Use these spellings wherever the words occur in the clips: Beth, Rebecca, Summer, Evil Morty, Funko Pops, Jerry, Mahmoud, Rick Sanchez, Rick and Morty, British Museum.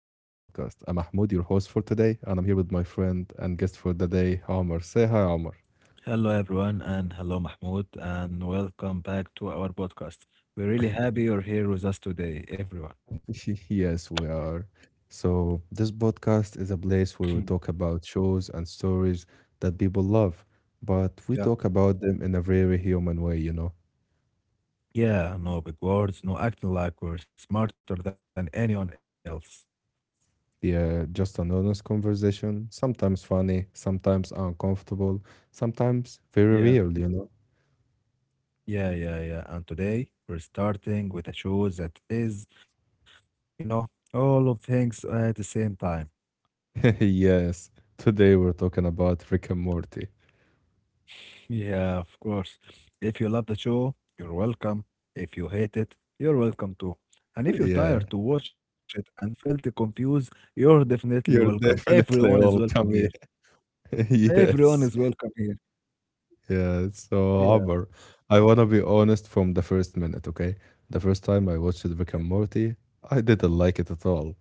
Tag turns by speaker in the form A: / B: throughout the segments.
A: I'm Mahmoud, your host for today, and I'm here with my friend and guest for the day, Omar. Say hi, Omar.
B: Hello, everyone, and hello, Mahmoud, and welcome back to our podcast. We're really happy you're here with us today, everyone.
A: Yes, we are. So, this podcast is a place where we talk about shows and stories that people love, but we
B: Yeah.
A: talk about them in a very human way, you know?
B: Yeah, no big words, no acting like we're smarter than anyone else.
A: Yeah, just an honest conversation, sometimes funny, sometimes uncomfortable, sometimes very
B: Yeah.
A: real, you know?
B: Yeah, yeah, yeah. And today we're starting with a show that is, you know, all of things at the same time.
A: Yes, today we're talking about Rick and Morty.
B: Yeah, of course. If you love the show, you're welcome. If you hate it, you're welcome too. And if you're
A: Yeah,
B: tired to watch it and felt confused, you're definitely
A: you're
B: welcome.
A: definitely
B: Everyone is welcome
A: welcome. Yeah.
B: here.
A: Yes.
B: Everyone is welcome here.
A: Yeah. So, Amber,
B: Yeah.
A: I want to be honest from the first minute, okay? The first time I watched Rick and Morty, I didn't like it at all.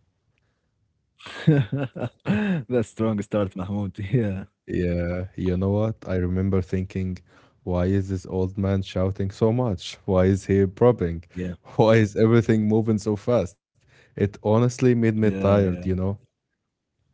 B: Yeah. That's strong start, Mahmoud. Yeah.
A: Yeah, you know what? I remember thinking, why is this old man shouting so much? Why is he popping?
B: Yeah.
A: Why is everything moving so fast? It honestly made me
B: Yeah, yeah,
A: tired, you know?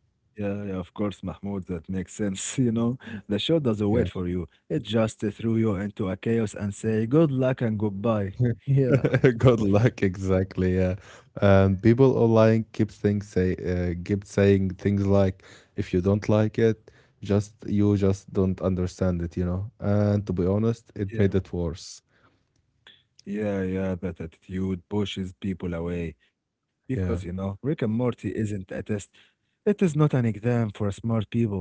B: yeah, yeah, of course, Mahmoud, that makes sense. You know, the show doesn't wait
A: Yeah.
B: for you. It just threw you into a chaos and say good luck and goodbye. Yeah.
A: Good luck, exactly. Yeah, people online keep things say, keep saying things like, "If you don't like it, just you just don't understand it." And to be honest, it
B: Yeah.
A: made it worse.
B: Yeah, yeah, that attitude pushes people away because, you know,
A: Yeah,
B: Rick and Morty isn't a test. It is not an exam for smart people.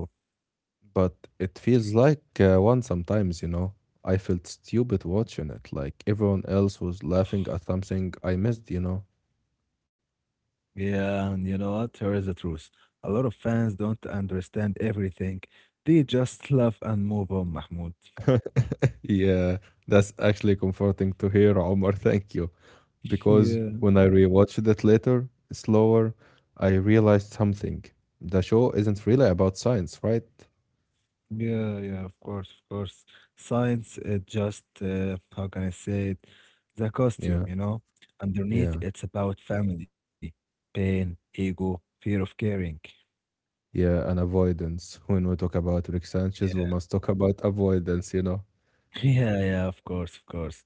A: but it feels like one sometimes. I felt stupid watching it. Like everyone else was laughing at something I missed.
B: Yeah, and you know what? Here is the truth. A lot of fans don't understand everything. They just laugh and move on, Mahmoud.
A: Yeah, that's actually comforting to hear, Omar. Thank you. Because
B: Yeah,
A: when I rewatched it later, slower, I realized something. The show isn't really about science, right?
B: yeah, yeah, of course, of course. Science, it just, how can I say it? The costume,
A: Yeah,
B: you know? Underneath,
A: yeah,
B: it's about family, pain, ego, fear of caring.
A: yeah, and avoidance. When we talk about Rick Sanchez,
B: Yeah.
A: we must talk about avoidance, you know?
B: Yeah, yeah, of course, of course.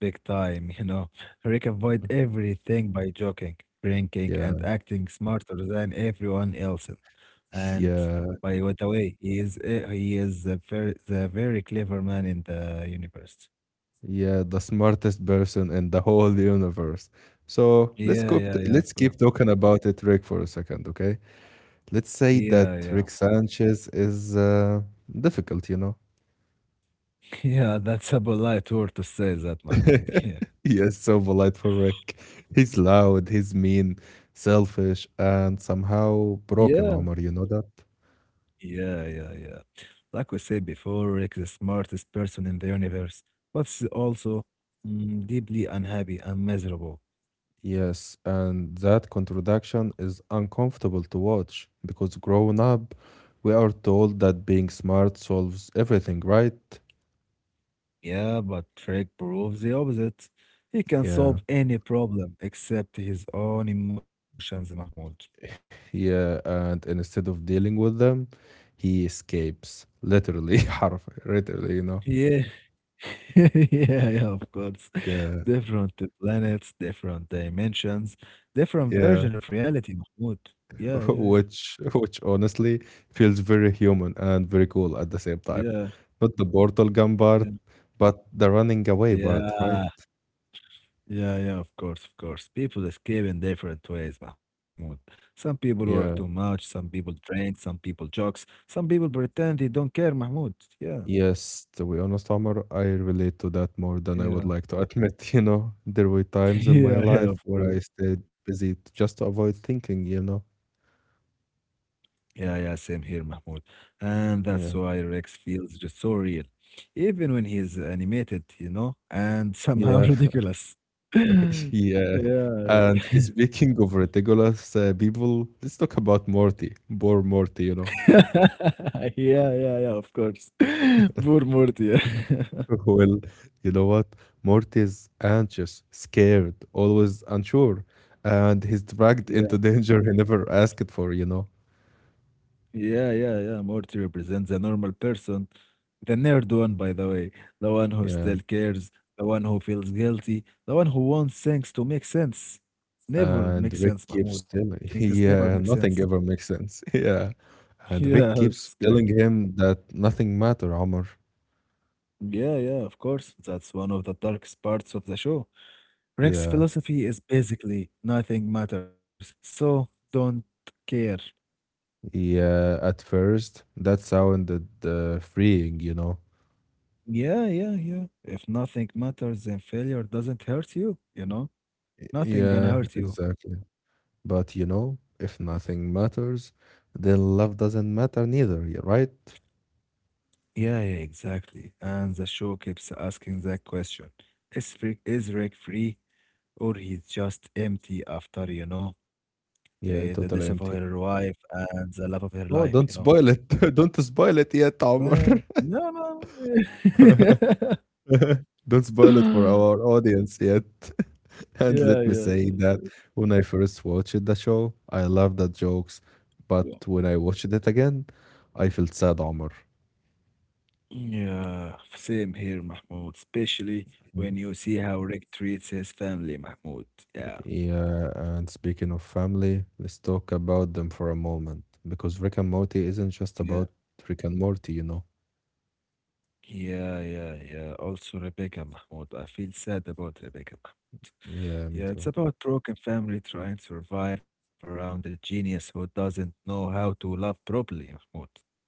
B: Big time, you know. Rick avoid everything by joking, drinking,
A: Yeah,
B: and acting smarter than everyone else. And
A: yeah,
B: by the way, he is eh, he is a very the very clever man in the universe.
A: yeah, the smartest person in the whole universe. So let's
B: Yeah,
A: go.
B: yeah, yeah, of
A: Let's
B: course.
A: keep talking about it, Rick, for a second, okay? Let's say
B: Yeah,
A: that
B: yeah.
A: Rick Sanchez is difficult, you know?
B: Yeah, that's a polite word to say that, Mahmoud. Yeah.
A: Yes, so polite for Rick. He's loud, he's mean, selfish, and somehow
B: Yeah.
A: broken, Omar, you know that?
B: Yeah, yeah, yeah. Like we said before, Rick is the smartest person in the universe, but is also deeply unhappy and miserable.
A: Yes, and that contradiction is uncomfortable to watch because growing up, we are told that being smart solves everything, right?
B: Yeah, but Rick proves the opposite. He can solve
A: Yeah,
B: any problem except his own emotions, Mahmoud.
A: yeah, and instead of dealing with them, he escapes, literally, literally, you know?
B: Yeah, yeah, yeah, of course.
A: Yeah,
B: Different planets, different dimensions, different
A: yeah.
B: version of reality, Mahmoud. Yeah, yeah, yeah,
A: Which honestly feels very human and very cool at the same time.
B: yeah,
A: Not the portal gun part,
B: yeah.
A: but the running away part, right?
B: Yeah, yeah, yeah, of course, of course. People escape in different ways, Mahmoud. Some people work too
A: Yeah.
B: much, some people drink, some people jokes, some people pretend they don't care, Mahmoud. Yeah,
A: Yes, to be honest, Omar, I relate to that more than I would
B: yeah,
A: like to admit, There were times in my
B: yeah, yeah,
A: life
B: of
A: where I
B: course.
A: stayed busy just to avoid thinking.
B: Yeah, yeah, same here, Mahmoud. And that's
A: Yeah.
B: why Rex feels just so real, even when he's animated, you know, and somehow
A: Yeah.
B: ridiculous.
A: Yeah.
B: Yeah,
A: And
B: yeah.
A: speaking of ridiculous people, let's talk about Morty, poor Morty.
B: Yeah, yeah, yeah, of course. Poor Morty. Yeah.
A: Well, you know what? Morty is anxious, scared, always unsure, and he's dragged into
B: Yeah.
A: danger he never asked for, you know?
B: Yeah, yeah, yeah. Morty represents a normal person, the nerd one, by the way, the one who
A: Yeah.
B: still cares, the one who feels guilty, the one who wants things to make sense. Never
A: And
B: make
A: Rick
B: sense,
A: keeps
B: Mahmoud.
A: telling,
B: Things never make
A: yeah,
B: sense.
A: nothing ever makes sense. Yeah. And
B: Yeah,
A: Rick keeps
B: exactly.
A: telling him that nothing matter, Omar.
B: Yeah, yeah, of course. That's one of the darkest parts of the show. Rick's
A: Yeah.
B: philosophy is basically nothing matters, so don't care.
A: Yeah. At first, that sounded freeing, you know?
B: Yeah, yeah, yeah. If nothing matters, then failure doesn't hurt you, you know? Nothing gonna
A: Yeah,
B: hurt you.
A: exactly. But if nothing matters, then love doesn't matter neither, right?
B: Yeah, yeah, exactly. And the show keeps asking that question. Is Rick free or he's just empty after, you know, the
A: Yeah,
B: death of
A: totally
B: her
A: empty.
B: wife and the love of her life,
A: Oh,
B: you
A: don't
B: know?
A: spoil it. Don't spoil it yet, Omar.
B: No, no.
A: Don't spoil it for our audience yet. And
B: yeah,
A: let me
B: yeah,
A: say that when I first watched the show, I loved the jokes,
B: yeah.
A: but when I watched it again, I felt sad, Omar.
B: Yeah, same here, Mahmoud. Especially when
A: Mm.
B: you see how Rick treats his family, Mahmoud. Yeah,
A: Yeah, and speaking of family, let's talk about them for a moment because Rick and Morty isn't just
B: yeah.
A: about Rick and Morty.
B: Yeah, yeah, yeah. Also, Rebecca Mahmoud. I feel sad about Rebecca Mahmoud.
A: Yeah, me
B: Yeah, it's
A: too.
B: about broken family trying to survive around a genius who doesn't know how to love properly, Mahmoud.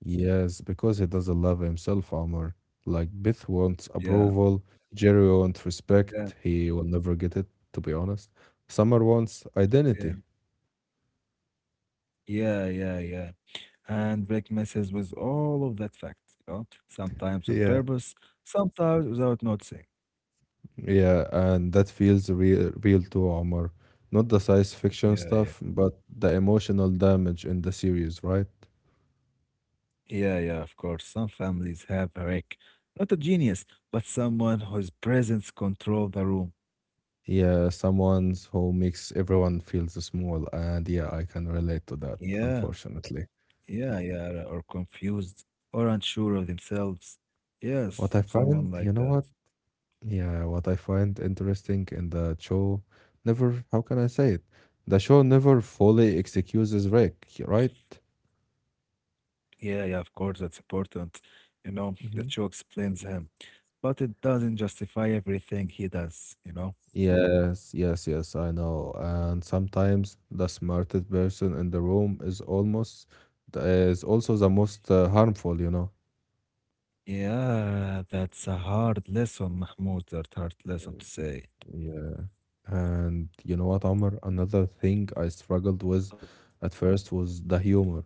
A: Yes, because he doesn't love himself, Omar. Like Beth wants
B: Yeah,
A: approval, Jerry wants
B: yeah,
A: respect. He will never get it, to be honest. Summer wants
B: yeah,
A: identity.
B: yeah, yeah, yeah. Handbrake messes with all of that fact, you know, sometimes on
A: Yeah.
B: purpose, sometimes without noticing.
A: Yeah, and that feels real, real to Omar. Not the science fiction
B: Yeah, yeah.
A: stuff, but the emotional damage in the series, right?
B: Yeah, yeah, of course. Some families have a wreck. Not a genius, but someone whose presence controls the room.
A: Yeah, someone who makes everyone feels small, and yeah, I can relate to that,
B: Yeah.
A: unfortunately.
B: Yeah, yeah, or confused or unsure of themselves.
A: What
B: Yes,
A: I find,
B: someone
A: you
B: like
A: know
B: that.
A: what? Yeah, what I find interesting in the show never, how can I say it? The show never fully excuses Rick, right?
B: Yeah, yeah, of course, that's important. You know, the
A: Hmm.
B: show explains him, but it doesn't justify everything he does, you know?
A: Yes, yes, yes, I know. And sometimes the smartest person in the room is also the most harmful.
B: Yeah, that's a hard lesson, Mahmoud. That hard lesson to say.
A: Yeah. And you know what, Omar? Another thing I struggled
B: Uh,
A: with at first was the humor.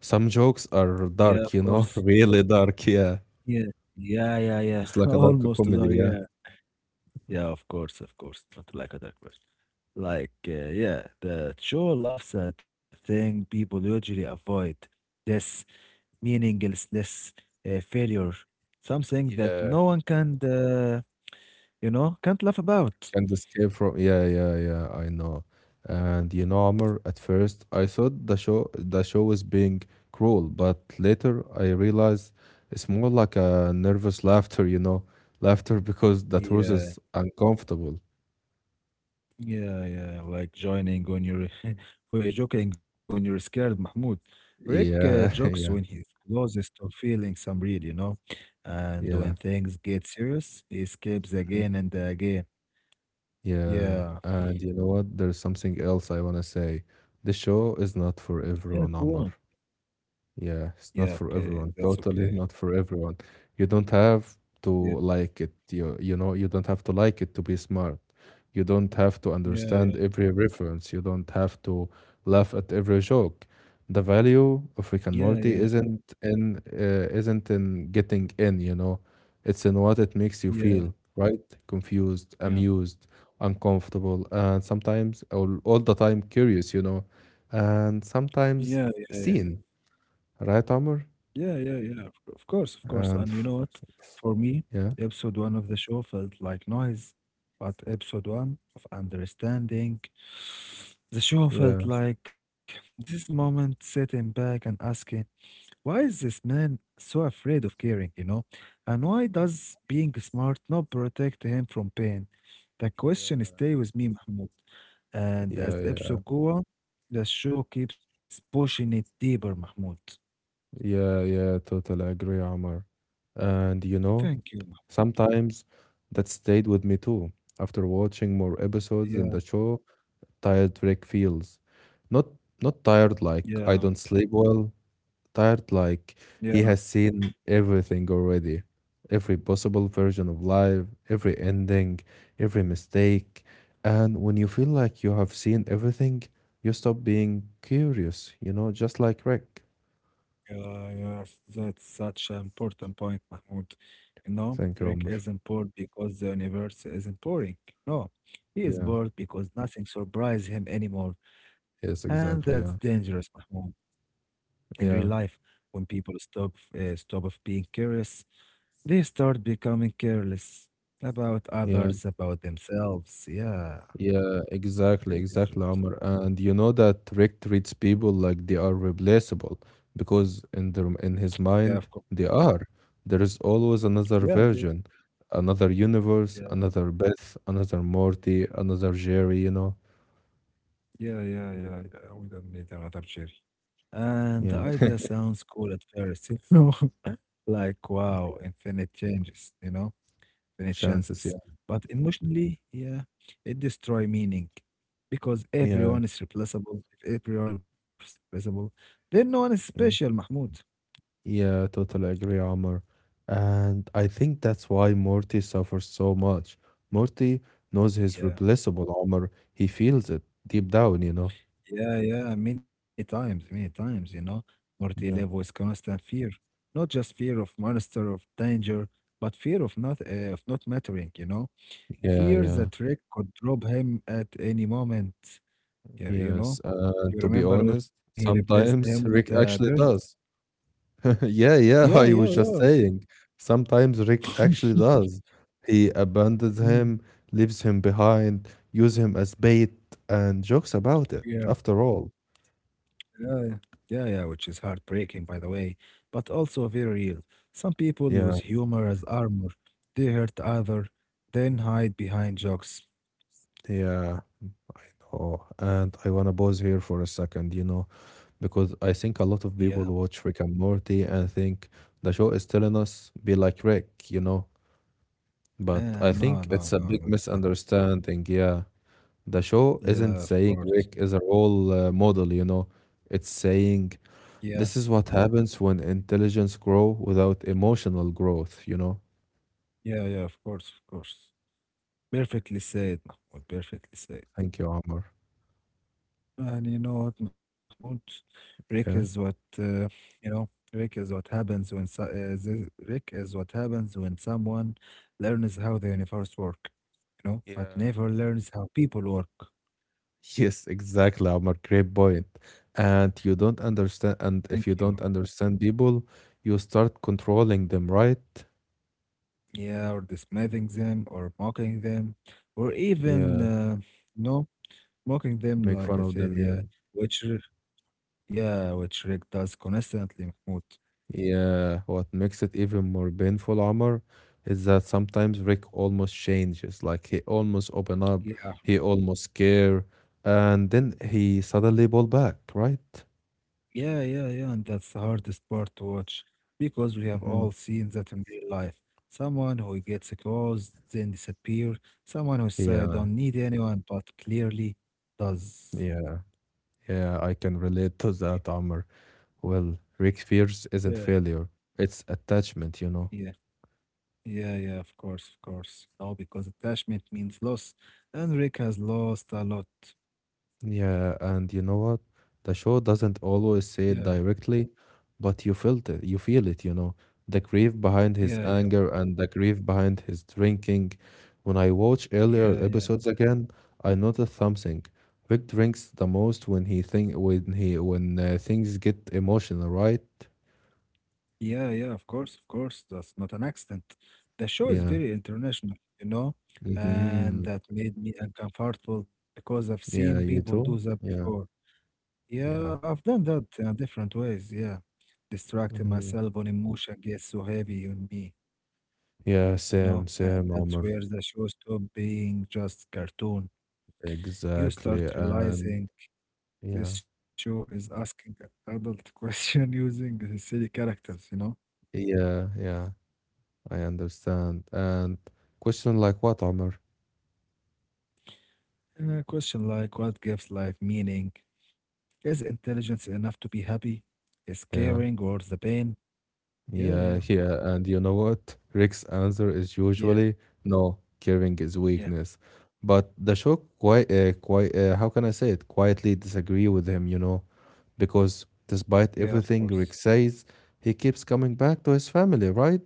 A: Some jokes are
B: yeah, of
A: dark,
B: course.
A: really dark, yeah.
B: Yeah, yeah, yeah, yeah.
A: It's like a dark
B: Almost there,
A: comedy, yeah.
B: yeah. Yeah, of course, of course. Not like a dark. Like, yeah, the show loves at the thing people usually avoid, this meaningless failure, something that
A: Yeah,
B: no one can, you know, can't laugh about.
A: can't escape from. Yeah, yeah, yeah. I know. And Amr, at first I thought the show was being cruel, but later I realized it's more like a nervous laughter. Laughter because the truth
B: Yeah,
A: is uncomfortable.
B: yeah, yeah. Like joining when you're, or joking when you're scared, Mahmoud. Rick
A: Yeah,
B: jokes when
A: yeah,
B: he's closest to feeling some real, you know, and
A: yeah.
B: when things get serious, he escapes
A: Mhm.
B: again and again.
A: Yeah,
B: Yeah,
A: and you know what? There's something else I want to say. The show is not for
B: yeah, go
A: everyone,
B: on.
A: Amr. Yeah, it's
B: Yeah,
A: not for
B: okay,
A: everyone.
B: that's okay.
A: Totally not for everyone. You don't have to
B: Yeah,
A: like it. You don't have to like it to be smart. You don't have to understand
B: yeah,
A: every reference. You don't have to laugh at every joke. The value of
B: yeah,
A: Rick and
B: yeah,
A: Morty isn't in getting in. It's in what it makes you
B: yeah,
A: feel, right? Confused,
B: yeah,
A: amused, uncomfortable, and sometimes all the time curious. And
B: yeah, yeah, yeah,
A: sometimes seen, right, Amr?
B: yeah, yeah, yeah, yeah. Of course, of course. And you
A: And
B: know
A: f
B: what? For me,
A: yeah,
B: episode one of the show felt like noise, but episode one of understanding, the show
A: yeah,
B: felt like this moment sitting back and asking. Why is this man so afraid of caring, you know? And why does being smart not protect him from pain? The question
A: Yeah.
B: stay with me, Mahmoud. And as
A: yeah, yeah,
B: episode go on, the show keeps pushing it deeper, Mahmoud.
A: yeah, yeah, totally agree, Amr. And
B: Thank you. Mahmoud.
A: sometimes that stayed with me too. After watching more episodes in
B: Yeah,
A: the show, tired Rick feels. Not not tired like
B: yeah,
A: I don't sleep well, tired, like
B: yeah,
A: he has seen everything already, every possible version of life, every ending, every mistake. And when you feel like you have seen everything, you stop being curious, just like Rick.
B: yeah, yes. That's such an important point, Mahmoud. You know,
A: Thank you,
B: Rick
A: Omar.
B: isn't bored because the universe isn't boring. No, he is
A: Yeah,
B: bored because nothing surprises him anymore. And
A: yes,
B: that's
A: exactly. Yeah,
B: dangerous, Mahmoud. In real
A: yeah,
B: life, when people stop of being curious, they start becoming careless about
A: yeah.
B: others, about themselves. Yeah,
A: Yeah, exactly,
B: very
A: exactly,
B: dangerous.
A: Omar. And you know that Rick treats people like they are replaceable because in his
B: Yeah, of course.
A: mind they are. There is always another
B: Yeah, yeah,
A: version, another universe,
B: yeah,
A: another Beth, another Morty, another Jerry.
B: yeah, yeah, yeah, yeah. We don't need another cherry. And the
A: Yeah,
B: idea sounds cool at first, you know, like wow, infinite changes, you know, infinite
A: chances, yeah.
B: chances. But emotionally, yeah, it destroy meaning because
A: Yeah,
B: everyone is replaceable. If everyone is replaceable, then no one is
A: yeah.
B: special, Mahmoud.
A: Yeah, totally agree, Omar. And I think that's why Morty suffers so much. Morty knows he's
B: Yeah,
A: replaceable, Omar. He feels it deep down.
B: yeah, yeah. Many times, you know, Morty live
A: Yeah.
B: with constant fear, not just fear of monster of danger, but fear of not mattering. You know,
A: Yeah,
B: fear
A: yeah.
B: that Rick could drop him at any moment. Yeah, you know.
A: Yes, and
B: You
A: to be
B: remember when
A: honest,
B: he replaced him with
A: sometimes
B: a
A: Rick
B: bird?
A: actually does. Yeah,
B: Yeah,
A: yeah, I was
B: yeah,
A: just saying. Sometimes
B: yeah.
A: Rick actually does. He abandons
B: Mm,
A: him, leaves him behind, use him as bait, and jokes about it,
B: yeah,
A: after all.
B: yeah, yeah, yeah, which is heartbreaking, by the way, but also very real. Some people
A: Yeah,
B: use humor as armor. They hurt other, then hide behind jokes.
A: yeah. Oh, and I wanna pause here for a second, because I think a lot
B: Yeah,
A: of people watch Rick and Morty and think the show is telling us be like Rick, but
B: nah,
A: I
B: no,
A: think it's
B: no,
A: a
B: no,
A: big
B: no.
A: misunderstanding. Yeah, the show isn't
B: Yeah, of
A: saying
B: course.
A: Rick is a role model. It's saying
B: Yeah,
A: this is what happens when intelligence grow without emotional growth.
B: yeah, yeah, of course, of course. Perfectly said, Mahmoud, perfectly said.
A: Thank you, Amr.
B: And you know what, Mahmoud? Rick is what
A: Yeah.
B: you know. Rick is what happens when so, the, Rick is what happens when someone learns how the universe work, you know, but
A: Yeah.
B: never learns how people work.
A: Yes, exactly, Amr. Great point. And you don't understand,
B: Thank
A: and if
B: you.
A: you don't understand people, you start controlling them, right?
B: Yeah, or dismissing them, or mocking them, or even
A: Yeah,
B: you know, mocking them.
A: make
B: Like
A: fun
B: I
A: of
B: said,
A: them.
B: yeah,
A: Yeah.
B: which, r- yeah, which Rick does constantly, Mahmoud.
A: Yeah, what makes it even more painful, Omar, is that sometimes Rick almost changes. Like he almost open up, he almost care, and then he suddenly pull back, right?
B: Yeah, yeah, yeah, and that's the hardest part to watch because we have
A: Hmm.
B: all seen that in real life. Someone who gets close, then disappear. Someone who said
A: Yeah,
B: don't need anyone, but clearly does.
A: yeah, yeah. I can relate to that, Omar. Well, Rick fears
B: Yeah.
A: isn't failure; it's attachment.
B: Yeah, yeah, yeah, of course, of course. No, because attachment means loss, and Rick has lost a lot.
A: Yeah, and you know what? The show doesn't always
B: Yeah,
A: say it directly, but you felt it, you feel it. The grief behind
B: yeah,
A: his
B: yeah,
A: anger and the grief behind his drinking. When I watch earlier
B: yeah, yeah.
A: episodes again, I noticed something. Vic drinks the most when he think when he when things get emotional, right?
B: Yeah, yeah, of course, of course. That's not an accident. The show is
A: Yeah.
B: very international, you know, and
A: Mm-hmm.
B: that made me uncomfortable because I've
A: Yeah,
B: seen
A: you
B: people
A: too?
B: do that
A: Yeah.
B: before.
A: Yeah.
B: Yeah, I've done that in different ways. Yeah, distracting
A: Mm-hmm.
B: myself when emotion gets so heavy on me,
A: Yeah,
B: you know,
A: same,
B: and
A: same,
B: that's
A: Omar.
B: where the show stopped being just cartoon. You start
A: Exactly. And
B: realizing
A: yeah.
B: this show is asking adult question using the silly characters, you know.
A: Yeah, yeah, I understand. And question like what, Omar?
B: Question like what gives life meaning? Is intelligence enough to be happy? Is caring
A: Yeah,
B: worth the pain? Yeah, yeah,
A: yeah, yeah. And you know what? Rick's answer is
B: yeah,
A: usually no, caring is
B: yeah,
A: weakness. But the show how can I say it? Quietly disagree with him, because
B: yeah, of
A: despite
B: course.
A: everything Rick says, he keeps coming back to his family, right?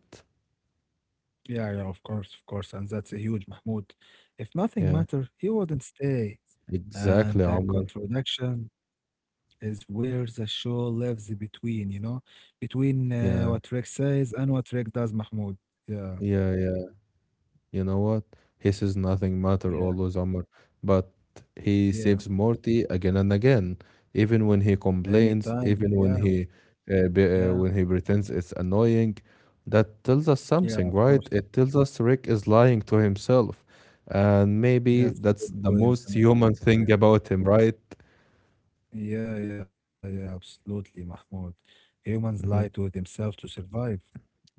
B: Yeah, yeah, of course, of course. And that's a huge Mahmoud. If nothing
A: Yeah,
B: mattered, he wouldn't stay.
A: exactly,
B: And that
A: Omar.
B: contradiction is where the show lives between, you know, between what
A: Yeah,
B: Rick says and what Rick does, Mahmoud. Yeah,
A: yeah, yeah. You know what? He says nothing matter
B: yeah,
A: always, Omar, but he
B: yeah.
A: saves Morty again and again. Even when he
B: Many times.
A: complains, even
B: Yeah,
A: when he uh,
B: yeah,
A: be, uh, when he pretends it's annoying, that tells us
B: yeah,
A: something,
B: of
A: right?
B: course.
A: It tells us Rick is lying to himself, and maybe
B: That's a
A: that's
B: good
A: the
B: point,
A: most
B: Mahmoud,
A: human thing
B: yeah.
A: about him, right?
B: Yeah, yeah, yeah, absolutely, Mahmoud. Humans lie to
A: Hmm.
B: themselves to survive,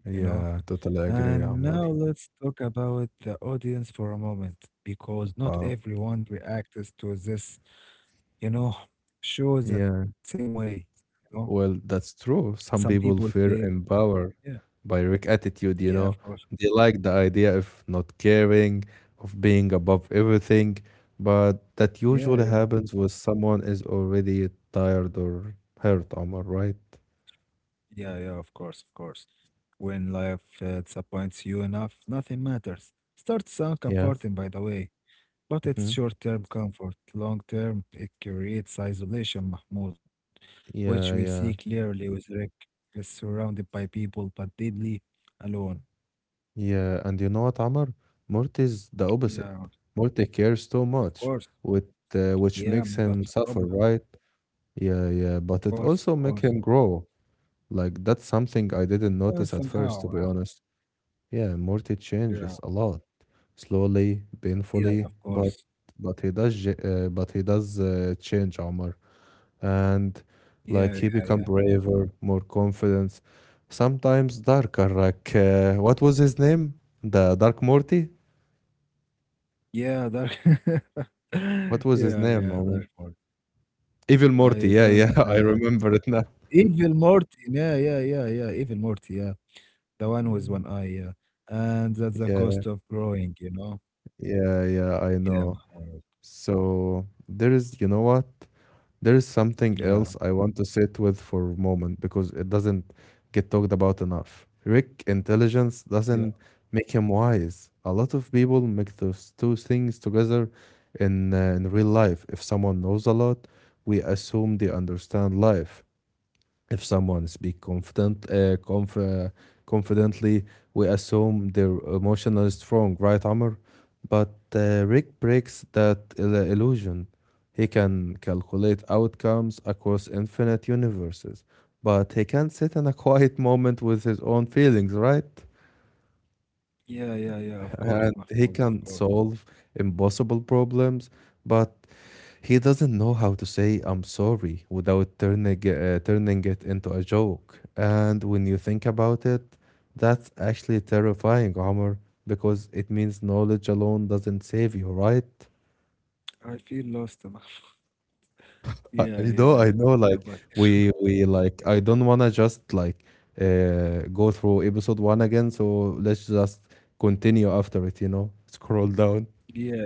B: you know?
A: Yeah, totally agree,
B: And
A: Omar.
B: now let's talk about the audience for a moment, because not
A: Wow.
B: everyone reacts to this, you know, show that
A: Yeah.
B: same way, you know?
A: Well, that's true.
B: Some
A: Some
B: people
A: people
B: feel,
A: feel empowered
B: yeah,
A: by Rick attitude, you
B: yeah, of
A: know.
B: course.
A: They like the idea of not caring, of being above everything, but that
B: Yeah,
A: usually
B: yeah,
A: happens when someone is already tired or hurt, Amar, right?
B: yeah, yeah, of course, of course. When life disappoints you enough, nothing matters. Start sound
A: Yeah.
B: comforting, by the way. But it's
A: Hmm.
B: short-term comfort. Long-term, it creates isolation, Mahmoud, which we
A: Yeah,
B: see
A: yeah.
B: clearly with Rick. He's surrounded by people, but deeply alone.
A: Yeah. And you know what, Amar? Morty's the opposite.
B: Yeah,
A: Morty cares too
B: of
A: much,
B: course.
A: with which
B: Yeah,
A: makes him
B: that's a
A: suffer,
B: problem.
A: right? Yeah,
B: Of
A: yeah. But
B: course, of
A: it also
B: course.
A: make him grow. Like that's something I didn't notice at
B: Somehow.
A: first, to be honest. Yeah, Morty
B: Yeah,
A: changes a lot, slowly,
B: yeah, yeah,
A: painfully,
B: of
A: but
B: course.
A: but he does change Omar, and
B: Yeah, yeah,
A: like he
B: yeah.
A: become braver, more confident, sometimes darker. Like what was his name? The Dark Morty.
B: Yeah, dark. yeah,
A: What was his name,
B: yeah,
A: Omar?
B: dark Morty.
A: Evil Morty.
B: I
A: Yeah, yeah,
B: don't.
A: I remember it now.
B: Evil Morty. Yeah, yeah, yeah, yeah. Evil Morty. Yeah. The one with
A: Yeah,
B: one eye, yeah. And that's the
A: yeah,
B: cost of growing, you know?
A: yeah, yeah, I
B: Yeah,
A: know.
B: Mahmoud.
A: So there is, you know what? There is something
B: Yeah,
A: else I want to sit with for a moment because it doesn't get talked about enough. Rick intelligence
B: yeah,
A: doesn't make him wise. A lot of people make those two things together in real life. If someone knows a lot, we assume they understand life. If someone speak confidently, we assume their emotional is strong, right, Amr? But Rick breaks that illusion. He can calculate outcomes across infinite universes, but he can sit in a quiet moment with his own feelings, right?
B: yeah, yeah, yeah. Of course,
A: And he
B: Mahmoud, of
A: can
B: course.
A: solve impossible problems, but he doesn't know how to say I'm sorry without turning it into a joke. And when you think about it, that's actually terrifying, Omar, because it means knowledge alone doesn't save you, right?
B: I feel lost, Mahmoud. Yeah,
A: I know,
B: yeah,
A: I
B: yeah,
A: know.
B: but
A: Like we like I don't wanna just like go through episode one again, so let's just continue after it, you know? Scroll down.
B: yeah,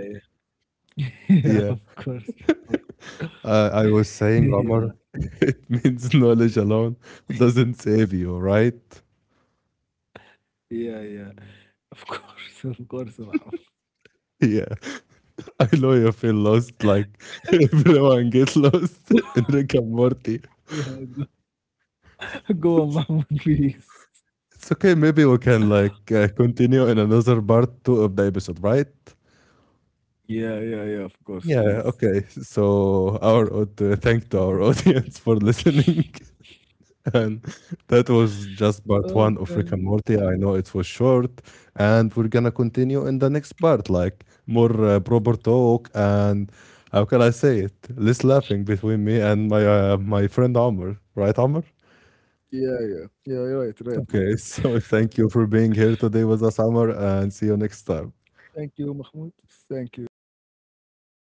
B: yeah. Yeah,
A: Yeah.
B: of course. Of course.
A: I was saying, Omar,
B: Yeah,
A: it means knowledge alone doesn't save you, right?
B: yeah, yeah. Of course, of course, Mahmoud.
A: Yeah, I know you feel lost, like everyone gets lost in Rick and Morty.
B: Yeah, go on, Mahmoud, please.
A: It's okay, maybe we can like continue in another part two of the episode, right?
B: Yeah, yeah, yeah, of course,
A: Yeah,
B: please.
A: okay. So thank to our
B: Okay.
A: audience for listening. And that was just part one of
B: Okay.
A: Rick and Morty. I know it was short, and we're gonna continue in the next part, like more proper talk and how can I say it? Less laughing between me and my friend Amr, right, Amr?
B: Yeah, yeah. Yeah, you're right, right, Mahmoud.
A: Okay, so thank you for being here today with us, Amr, and see you next time.
B: Thank you, Mahmoud. Thank you. Goodbye.